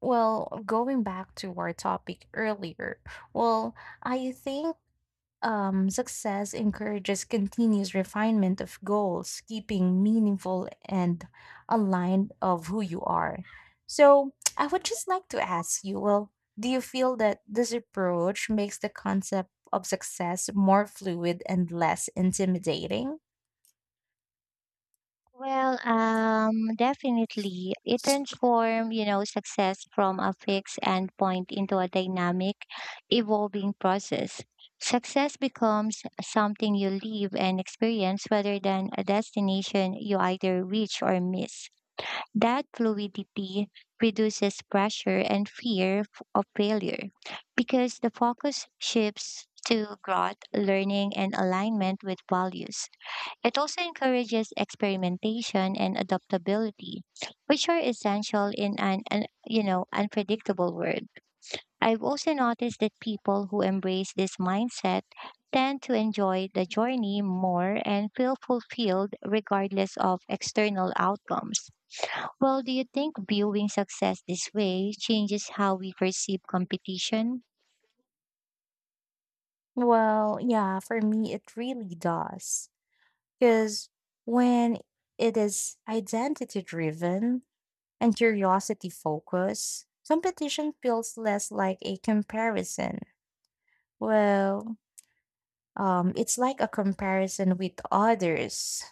Well, going back to our topic earlier, well, I think success encourages continuous refinement of goals, keeping meaningful and aligned of who you are. So, I would just like to ask you, well, do you feel that this approach makes the concept of success more fluid and less intimidating? Well, definitely. It transformed, you know, success from a fixed endpoint into a dynamic, evolving process. Success becomes something you live and experience rather than a destination you either reach or miss. That fluidity reduces pressure and fear of failure because the focus shifts to growth, learning, and alignment with values. It also encourages experimentation and adaptability, which are essential in an you know unpredictable world. I've also noticed that people who embrace this mindset tend to enjoy the journey more and feel fulfilled regardless of external outcomes. Well, do you think viewing success this way changes how we perceive competition? Well, yeah, for me, it really does. Because when it is identity driven and curiosity focused, competition feels less like a comparison. Well, it's like a comparison with others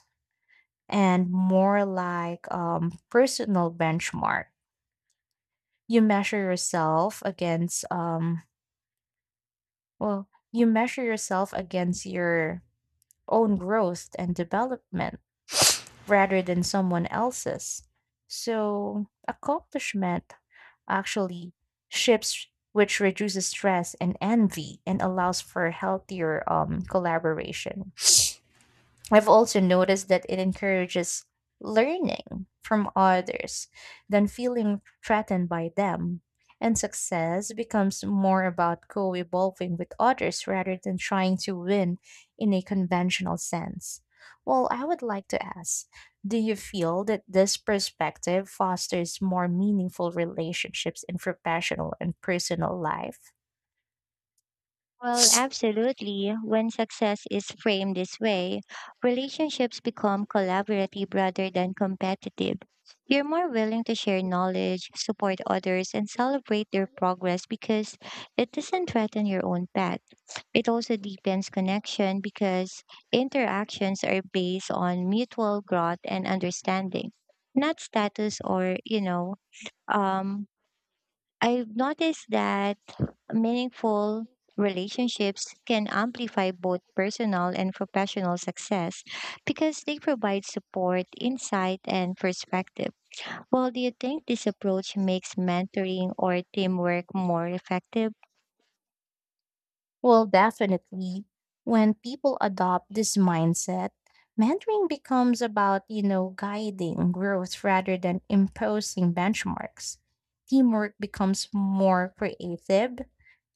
and more like personal benchmark. You measure yourself against, well, you measure yourself against your own growth and development rather than someone else's. So, accomplishment actually shifts, which reduces stress and envy and allows for healthier collaboration. I've also noticed that it encourages learning from others than feeling threatened by them. And success becomes more about co evolving with others rather than trying to win in a conventional sense. Well, I would like to ask, do you feel that this perspective fosters more meaningful relationships in professional and personal life? Well, absolutely. When success is framed this way, relationships become collaborative rather than competitive. You're more willing to share knowledge, support others, and celebrate their progress because it doesn't threaten your own path. It also deepens connection because interactions are based on mutual growth and understanding, not status or, um, I've noticed that meaningful relationships can amplify both personal and professional success because they provide support, insight, and perspective. While do you think this approach makes mentoring or teamwork more effective? Well, definitely. When people adopt this mindset, mentoring becomes about, you know, guiding growth rather than imposing benchmarks. Teamwork becomes more creative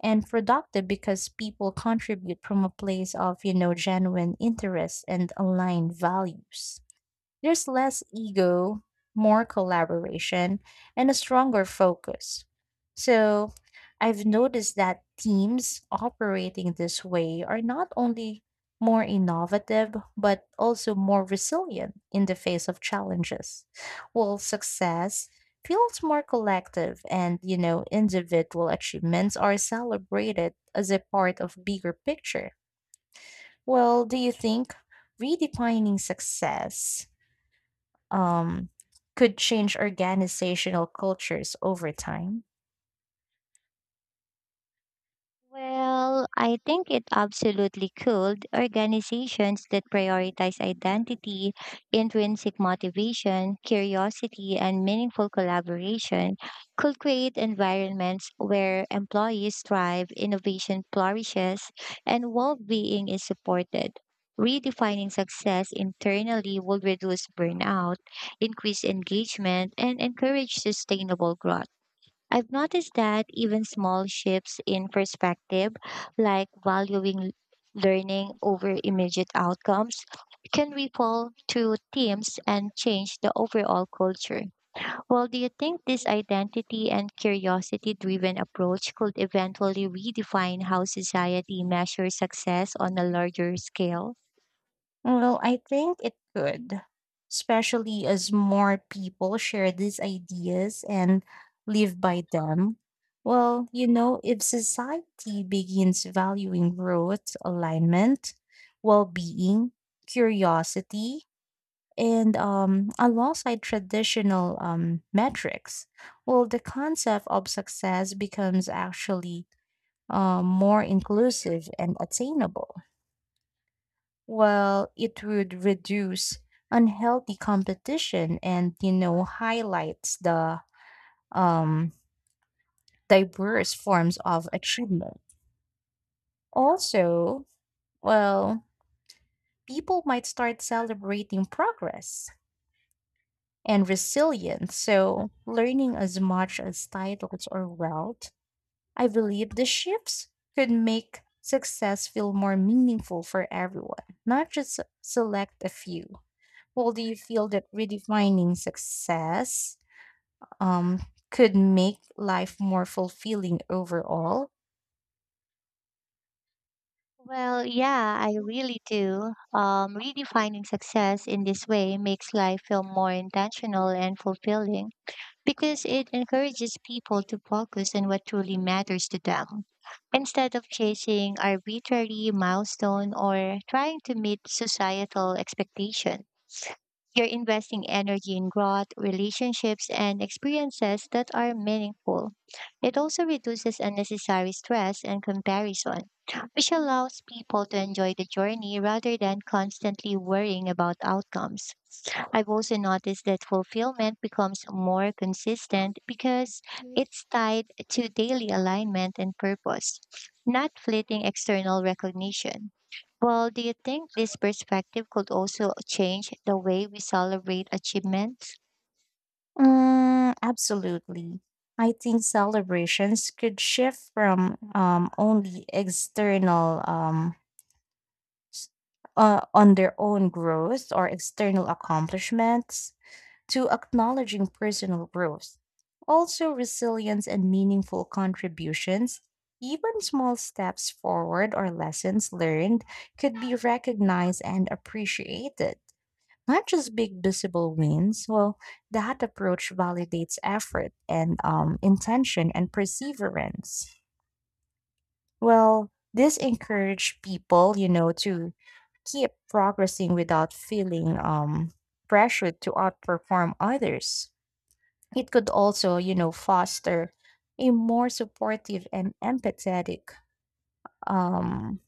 and productive because people contribute from a place of, you know, genuine interest and aligned values. There's less ego, more collaboration, and a stronger focus. So I've noticed that teams operating this way are not only more innovative, but also more resilient in the face of challenges. While success feels more collective and, you know, individual achievements are celebrated as a part of bigger picture. Well, do you think redefining success um, could change organizational cultures over time? Well, I think it absolutely could. Organizations that prioritize identity, intrinsic motivation, curiosity, and meaningful collaboration could create environments where employees thrive, innovation flourishes, and well being is supported. Redefining success internally will reduce burnout, increase engagement, and encourage sustainable growth. I've noticed that even small shifts in perspective, like valuing learning over immediate outcomes, can ripple to teams and change the overall culture. Well, do you think this identity and curiosity driven approach could eventually redefine how society measures success on a larger scale? Well, I think it could, especially as more people share these ideas and live by them. Well, you know, if society begins valuing growth, alignment, well being, curiosity, and alongside traditional metrics, well, the concept of success becomes actually more inclusive and attainable. Well, it would reduce unhealthy competition and you know highlights the um, diverse forms of achievement. Also, well, people might start celebrating progress and resilience. So, learning as much as titles or wealth, I believe the shifts could make success feel more meaningful for everyone, not just select a few. Well, do you feel that redefining success um, could make life more fulfilling overall? Well, yeah, I really do. Redefining success in this way makes life feel more intentional and fulfilling, because it encourages people to focus on what truly matters to them instead of chasing arbitrary milestone or trying to meet societal expectation. You're investing energy in growth, relationships, and experiences that are meaningful. It also reduces unnecessary stress and comparison, which allows people to enjoy the journey rather than constantly worrying about outcomes. I've also noticed that fulfillment becomes more consistent because it's tied to daily alignment and purpose, not fleeting external recognition. Well, do you think this perspective could also change the way we celebrate achievements? Mm, absolutely. I think celebrations could shift from only external s- on their own growth or external accomplishments to acknowledging personal growth. Also, resilience and meaningful contributions, even small steps forward or lessons learned, could be recognized and appreciated. Not just big visible wins. Well, that approach validates effort and intention and perseverance. Well, this encourage people, you know, to keep progressing without feeling pressured to outperform others. It could also, you know, foster a more supportive and empathetic um,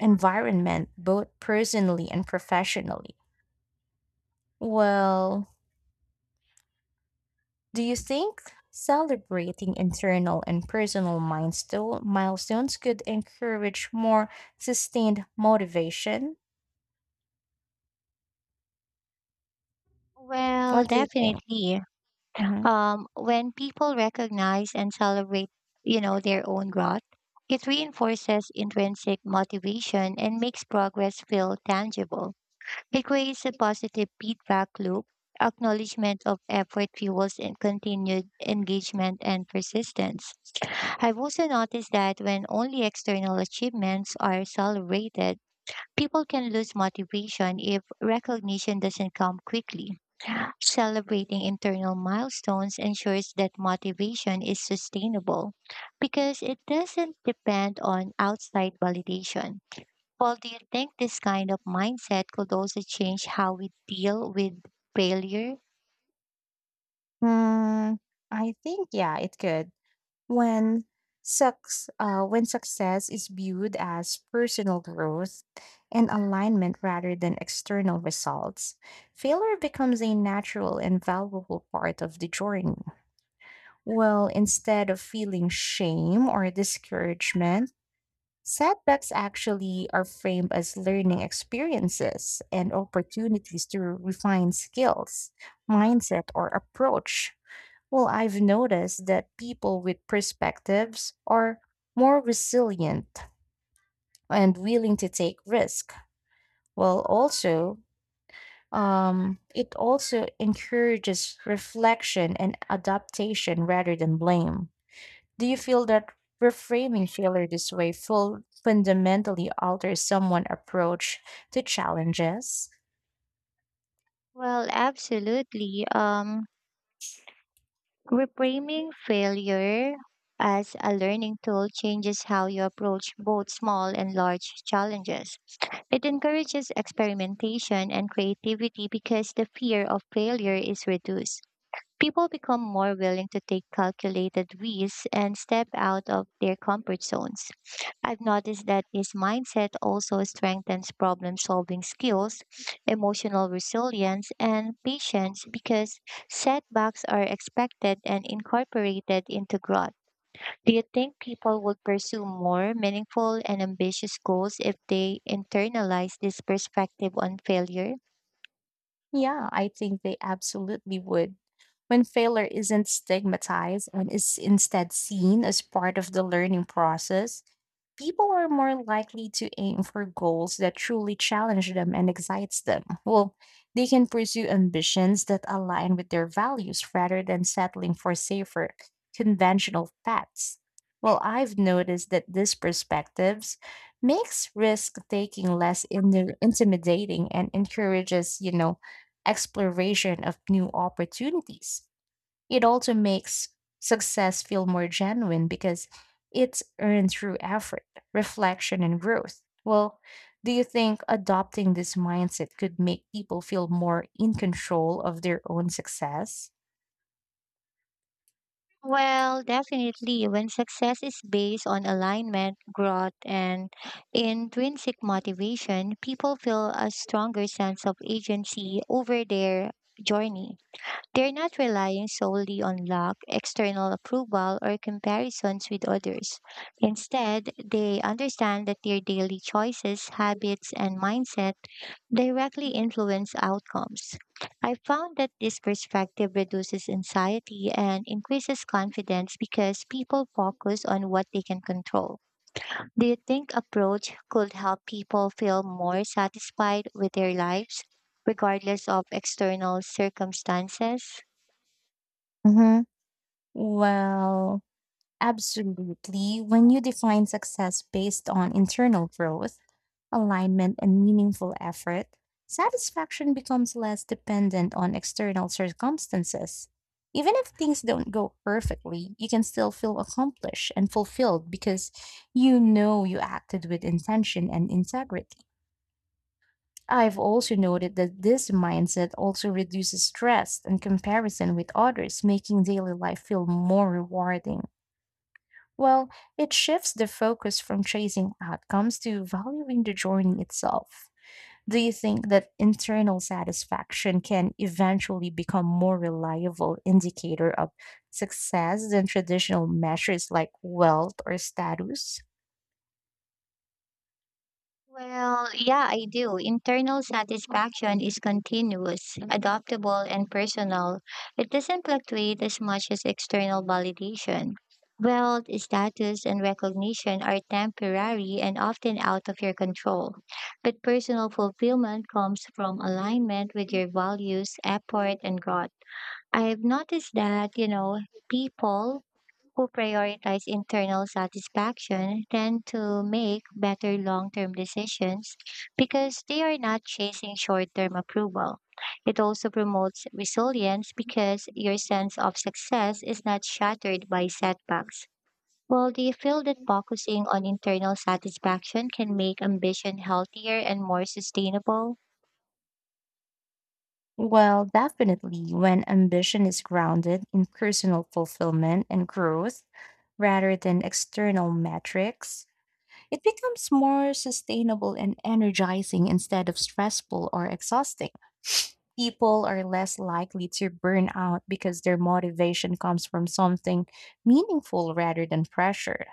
environment, both personally and professionally. Well, do you think celebrating internal and personal milestones could encourage more sustained motivation? Well, What do you think? definitely. Mhm. When people recognize and celebrate, you know, their own growth, it reinforces intrinsic motivation and makes progress feel tangible. It creates a positive feedback loop. Acknowledgement of effort fuels and continued engagement and persistence. I've also noticed that when only external achievements are celebrated, people can lose motivation if recognition doesn't come quickly. Celebrating internal milestones ensures that motivation is sustainable because it doesn't depend on outside validation. Well, do you think this kind of mindset could also change how we deal with failure? Mm, I think, yeah, it could. When when success is viewed as personal growth and alignment rather than external results, failure becomes a natural and valuable part of the journey. Well, instead of feeling shame or discouragement, setbacks actually are framed as learning experiences and opportunities to refine skills, mindset, or approach. Well, I've noticed that people with perspectives are more resilient and willing to take risk. Well, also, it also encourages reflection and adaptation rather than blame. Do you feel that reframing failure this way full fundamentally alters someone's approach to challenges? Well, absolutely. Reframing failure as a learning tool changes how you approach both small and large challenges. It encourages experimentation and creativity because the fear of failure is reduced. People become more willing to take calculated risks and step out of their comfort zones. I've noticed that this mindset also strengthens problem solving skills, emotional resilience, and patience because setbacks are expected and incorporated into growth. Do you think people would pursue more meaningful and ambitious goals if they internalize this perspective on failure? Yeah, I think they absolutely would. When failure isn't stigmatized and is instead seen as part of the learning process, people are more likely to aim for goals that truly challenge them and excites them. Well, they can pursue ambitions that align with their values rather than settling for safer, conventional paths. Well, I've noticed that these perspectives makes risk taking less intimidating and encourages, you know, exploration of new opportunities. It also makes success feel more genuine because it's earned through effort, reflection, and growth. Well, do you think adopting this mindset could make people feel more in control of their own success? Well, definitely. When success is based on alignment, growth, and intrinsic motivation, people feel a stronger sense of agency over their journey. They're not relying solely on luck, external approval, or comparisons with others. Instead, they understand that their daily choices, habits, and mindset directly influence outcomes. I found that this perspective reduces anxiety and increases confidence because people focus on what they can control. Do you think approach could help people feel more satisfied with their lives regardless of external circumstances? Mm-hmm. Well, absolutely. When you define success based on internal growth, alignment, and meaningful effort, satisfaction becomes less dependent on external circumstances. Even if things don't go perfectly, you can still feel accomplished and fulfilled because you know you acted with intention and integrity. I've also noted that this mindset also reduces stress and comparison with others, making daily life feel more rewarding. Well, it shifts the focus from chasing outcomes to valuing the journey itself. Do you think that internal satisfaction can eventually become more reliable indicator of success than traditional measures like wealth or status? Well, yeah, I do. Internal satisfaction is continuous, adaptable, and personal. It doesn't fluctuate as much as external validation. Wealth, status, and recognition are temporary and often out of your control. But personal fulfillment comes from alignment with your values, effort, and growth. I've noticed that, you know, people who prioritize internal satisfaction tend to make better long term decisions because they are not chasing short term approval. It also promotes resilience because your sense of success is not shattered by setbacks. Well, do you feel that focusing on internal satisfaction can make ambition healthier and more sustainable? Well, definitely, when ambition is grounded in personal fulfillment and growth rather than external metrics, it becomes more sustainable and energizing instead of stressful or exhausting. People are less likely to burn out because their motivation comes from something meaningful rather than pressure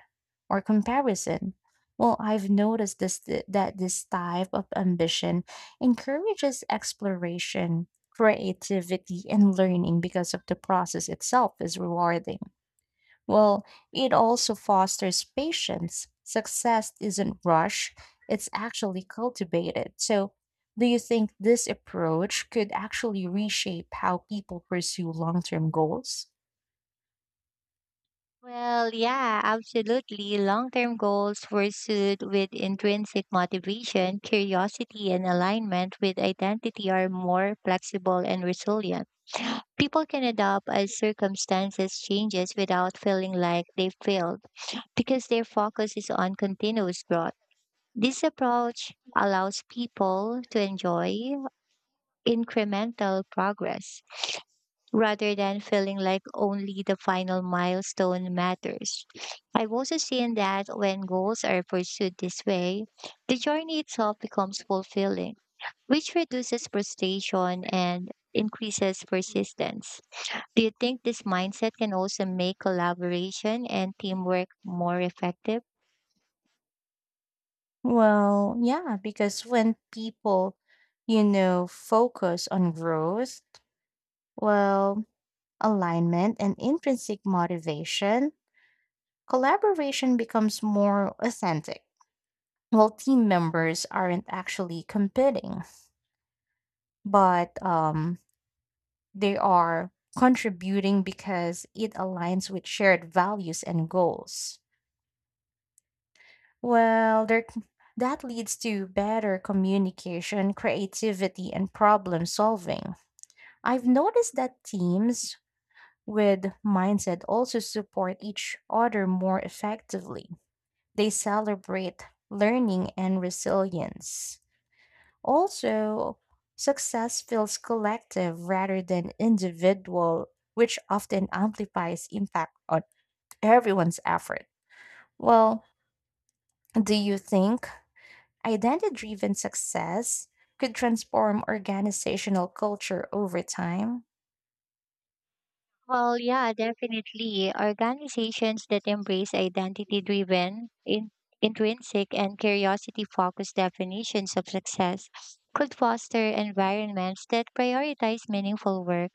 or comparison. Well, I've noticed that this type of ambition encourages exploration, creativity, and learning because of the process itself is rewarding. Well, it also fosters patience. Success isn't rushed, it's actually cultivated. So, do you think this approach could actually reshape how people pursue long term goals? Well, yeah, absolutely. Long term goals pursued with intrinsic motivation, curiosity, and alignment with identity are more flexible and resilient. People can adapt as circumstances changes without feeling like they've failed because their focus is on continuous growth. This approach allows people to enjoy incremental progress rather than feeling like only the final milestone matters. I've also seen that when goals are pursued this way, the journey itself becomes fulfilling, which reduces frustration and increases persistence. Do you think this mindset can also make collaboration and teamwork more effective? Well, yeah, because when people, you know, focus on growth, well, alignment and intrinsic motivation, collaboration becomes more authentic. Well, team members aren't actually competing but they are contributing because it aligns with shared values and goals. Well, that leads to better communication, creativity, and problem solving. I've noticed that teams with mindset also support each other more effectively. They celebrate learning and resilience. Also, success feels collective rather than individual, which often amplifies impact on everyone's effort. Well, do you think identity driven success could transform organizational culture over time? Well, yeah, definitely. Organizations that embrace identity driven, intrinsic, and curiosity focused definitions of success could foster environments that prioritize meaningful work,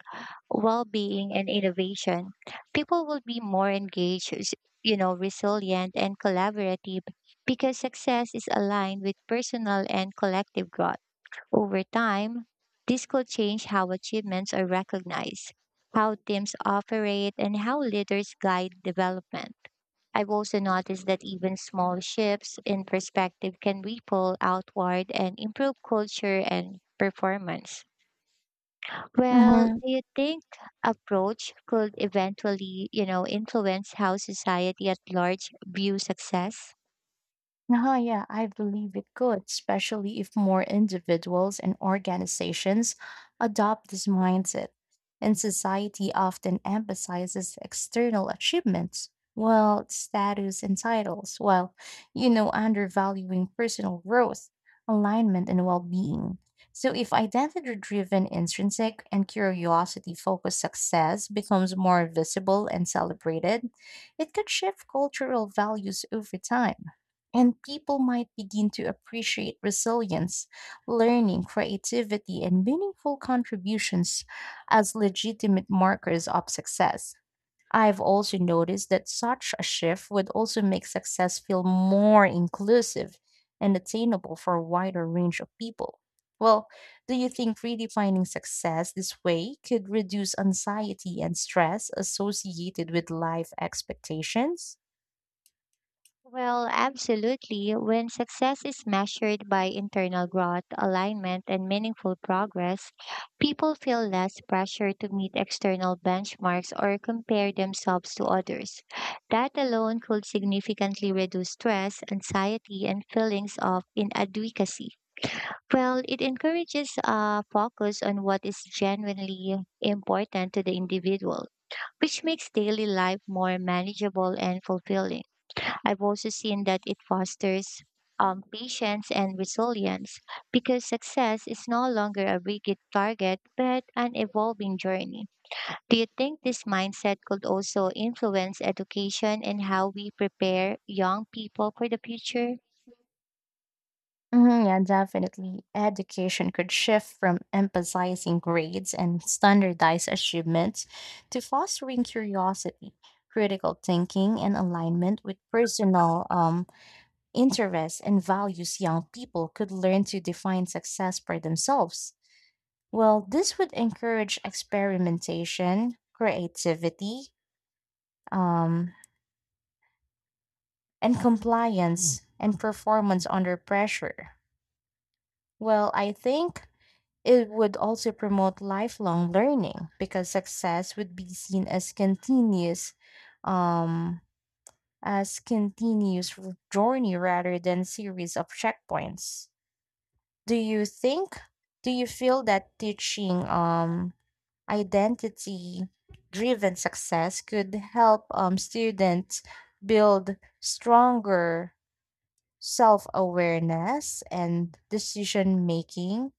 well being, and innovation. People will be more engaged, you know, resilient, and collaborative because success is aligned with personal and collective growth. Over time, this could change how achievements are recognized, how teams operate, and how leaders guide development. I've also noticed that even small shifts in perspective can ripple outward and improve culture and performance. Well, do Mhm. you think approach could eventually, you know, influence how society at large views success? Uh-huh, yeah, I believe it could, especially if more individuals and organizations adopt this mindset. And society often emphasizes external achievements, well, status and titles, while, you know, undervaluing personal growth, alignment, and well being. So, if identity driven, intrinsic, and curiosity focused success becomes more visible and celebrated, it could shift cultural values over time. And people might begin to appreciate resilience, learning, creativity, and meaningful contributions as legitimate markers of success. I've also noticed that such a shift would also make success feel more inclusive and attainable for a wider range of people. Well, do you think redefining success this way could reduce anxiety and stress associated with life expectations? Well, absolutely. When success is measured by internal growth, alignment, and meaningful progress, people feel less pressure to meet external benchmarks or compare themselves to others. That alone could significantly reduce stress, anxiety, and feelings of inadequacy. Well, it encourages a focus on what is genuinely important to the individual, which makes daily life more manageable and fulfilling. I've also seen that it fosters patience and resilience because success is no longer a rigid target but an evolving journey. Do you think this mindset could also influence education and how we prepare young people for the future? Mhm, yeah, definitely. Education could shift from emphasizing grades and standardized achievements to fostering curiosity, critical thinking, and alignment with personal interests and values. Young people could learn to define success for themselves. Well, this would encourage experimentation, creativity, um, and compliance and performance under pressure. Well, I think it would also promote lifelong learning because success would be seen as continuous um as continuous journey rather than series of checkpoints. Do you think do you feel that teaching identity driven success could help students build stronger self awareness and decision making?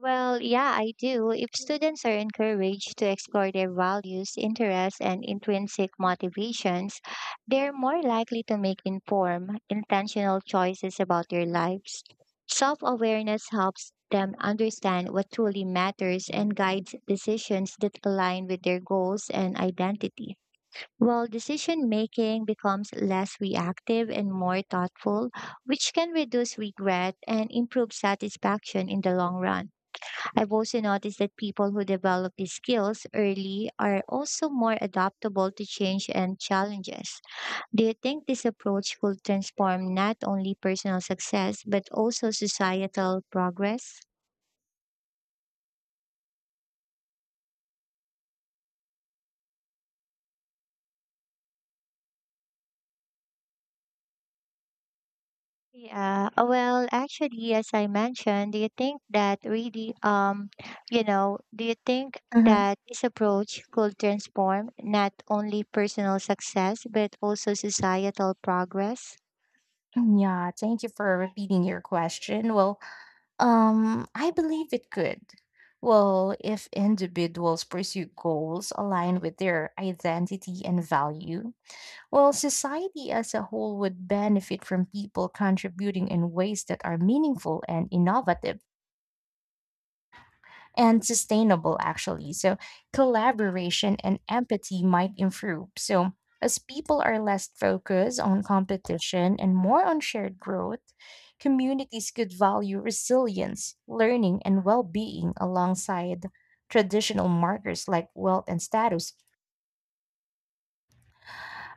Well, yeah, I do. If students are encouraged to explore their values, interests, and intrinsic motivations, they're more likely to make informed, intentional choices about their lives. Self awareness helps them understand what truly matters and guides decisions that align with their goals and identity. While decision making becomes less reactive and more thoughtful, which can reduce regret and improve satisfaction in the long run. I've also noticed that people who develop these skills early are also more adaptable to change and challenges. Do you think this approach will transform not only personal success but also societal progress? As I mentioned, do you think that do you think that this approach could transform not only personal success but also societal progress? Mm, yeah, thank you for repeating your question. Well, I believe it could. Well, if individuals pursue goals aligned with their identity and value, well, society as a whole would benefit from people contributing in ways that are meaningful and innovative and sustainable, actually. So, collaboration and empathy might improve. So, as people are less focused on competition and more on shared growth, communities could value resilience, learning, and well being alongside traditional markers like wealth and status.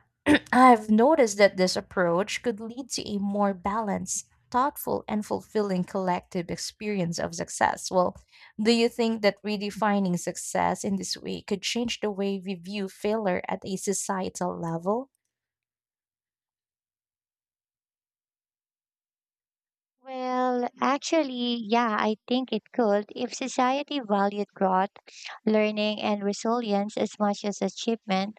I've noticed that this approach could lead to a more balanced, thoughtful, and fulfilling collective experience of success. Well, do you think that redefining success in this way could change the way we view failure at a societal level? Well, actually, yeah, I think it could if society valued growth, learning, and resilience as much as achievement.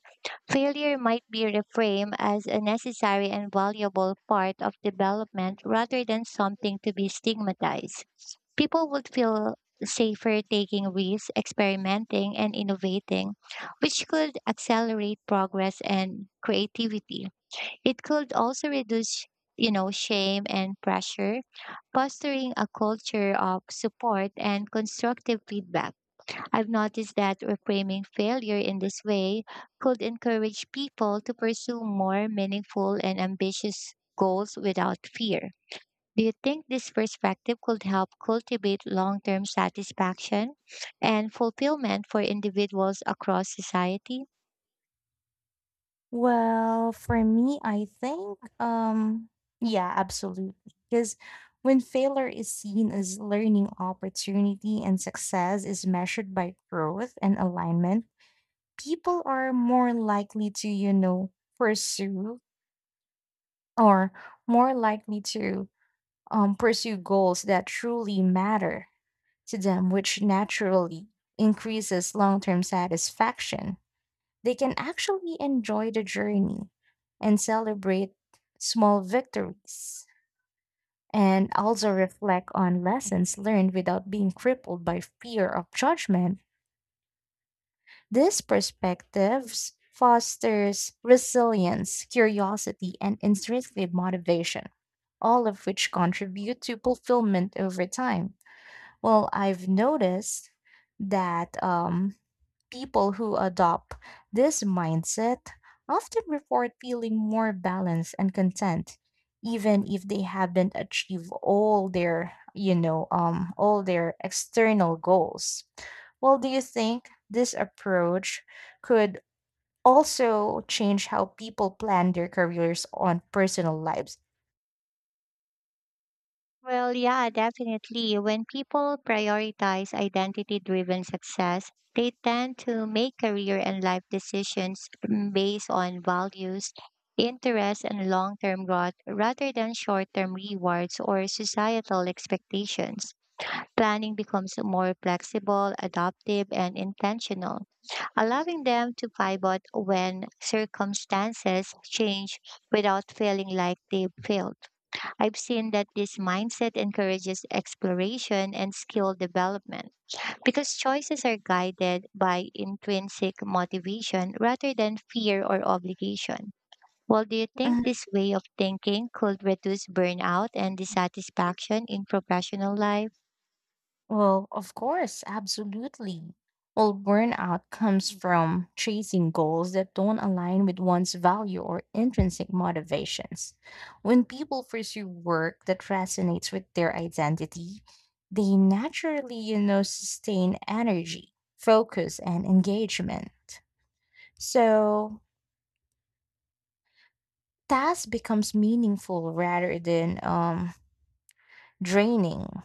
Failure might be reframed as a necessary and valuable part of development rather than something to be stigmatized. People would feel safer taking risks, experimenting, and innovating, which could accelerate progress and creativity. It could also reduce, you know, shame and pressure fostering a culture of support and constructive feedback. I've noticed that reframing failure in this way could encourage people to pursue more meaningful and ambitious goals without fear. Do you think this perspective could help cultivate long term satisfaction and fulfillment for individuals across society? Well, for me, I think, yeah, absolutely. Because when failure is seen as learning opportunity and success is measured by growth and alignment, people are more likely to, you know, pursue or more likely to pursue goals that truly matter to them, which naturally increases long-term satisfaction. They can actually enjoy the journey and celebrate small victories and also reflect on lessons learned without being crippled by fear of judgment. This perspective fosters resilience, curiosity, and intrinsic motivation, all of which contribute to fulfillment over time. Well, I've noticed that people who adopt this mindset often report feeling more balanced and content, even if they haven't achieved all their external goals. Well, do you think this approach could also change how people plan their careers on personal lives? Well, yeah, definitely. When people prioritize identity driven success, they tend to make career and life decisions based on values, interests, and long term growth rather than short term rewards or societal expectations. Planning becomes more flexible, adaptive, and intentional, allowing them to pivot when circumstances change without feeling like they've failed. I've seen that this mindset encourages exploration and skill development because choices are guided by intrinsic motivation rather than fear or obligation. Well, do you Mhm. think this way of thinking could reduce burnout and dissatisfaction in professional life? Well, of course, absolutely. Well, burnout comes from chasing goals that don't align with one's value or intrinsic motivations. When people pursue work that resonates with their identity, they naturally, you know, sustain energy, focus, and engagement. So, task becomes meaningful rather than draining,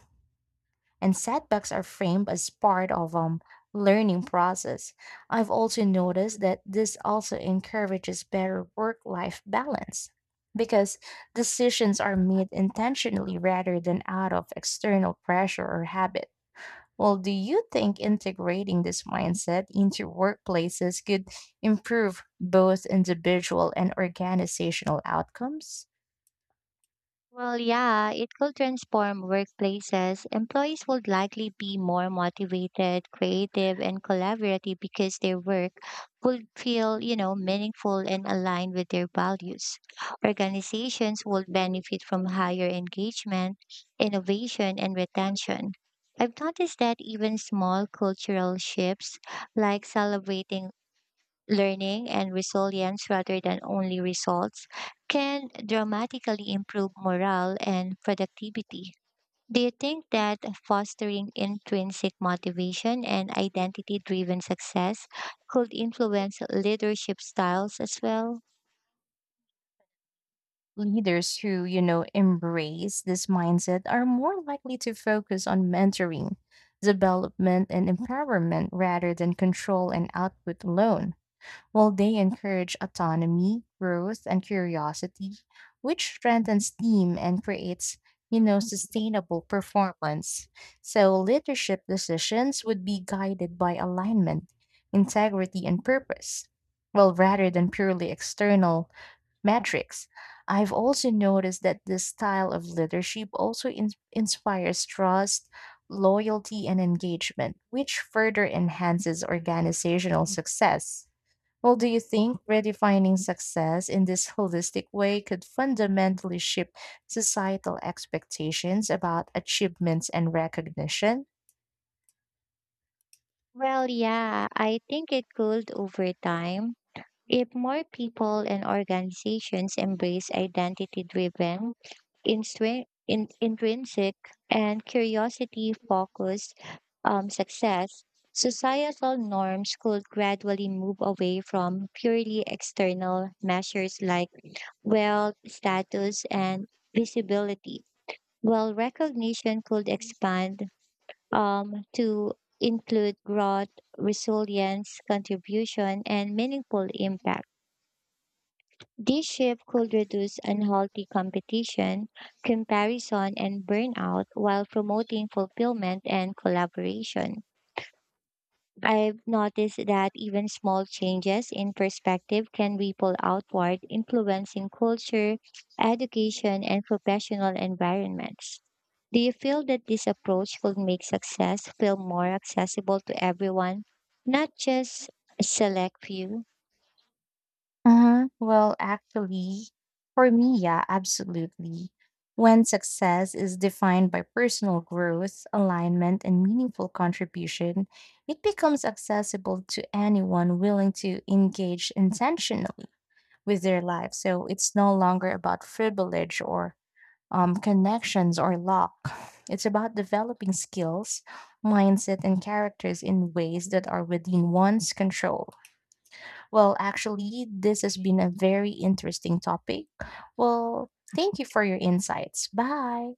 and setbacks are framed as part of learning process. I've also noticed that this also encourages better work life balance because decisions are made intentionally rather than out of external pressure or habit. Well, do you think integrating this mindset into workplaces could improve both individual and organizational outcomes? Well, yeah, it could transform workplaces. Employees would likely be more motivated, creative, and collaborative because their work would feel, you know, meaningful and aligned with their values. Organizations would benefit from higher engagement, innovation, and retention. I've noticed that even small cultural shifts like celebrating learning and resilience rather than only results can dramatically improve morale and productivity. Do you think that fostering intrinsic motivation and identity driven success could influence leadership styles as well? Leaders who, you know, embrace this mindset are more likely to focus on mentoring, development, and empowerment rather than control and output alone, while they encourage autonomy, growth, and curiosity, which strengthens team and creates, you know, sustainable performance. So leadership decisions would be guided by alignment, integrity, and purpose. Well, rather than purely external metrics. I've also noticed that this style of leadership also inspires trust, loyalty, and engagement, which further enhances organizational success. Well, do you think redefining success in this holistic way could fundamentally shift societal expectations about achievements and recognition? Well, yeah, I think it could over time. If more people and organizations embrace identity driven, intrinsic, and curiosity focused success, societal norms could gradually move away from purely external measures like wealth, status, and visibility, while recognition could expand to include growth, resilience, contribution, and meaningful impact. This shift could reduce unhealthy competition, comparison, and burnout while promoting fulfillment and collaboration. I've noticed that even small changes in perspective can ripple outward, influencing culture, education, and professional environments. Do you feel that this approach will make success feel more accessible to everyone, not just a select few? Uh-huh. Well, actually, for me, yeah, absolutely. When success is defined by personal growth, alignment, and meaningful contribution, it becomes accessible to anyone willing to engage intentionally with their life. So it's no longer about privilege or connections or luck. It's about developing skills, mindset, and characters in ways that are within one's control. Well, actually, this has been a very interesting topic. Well, thank you for your insights. Bye.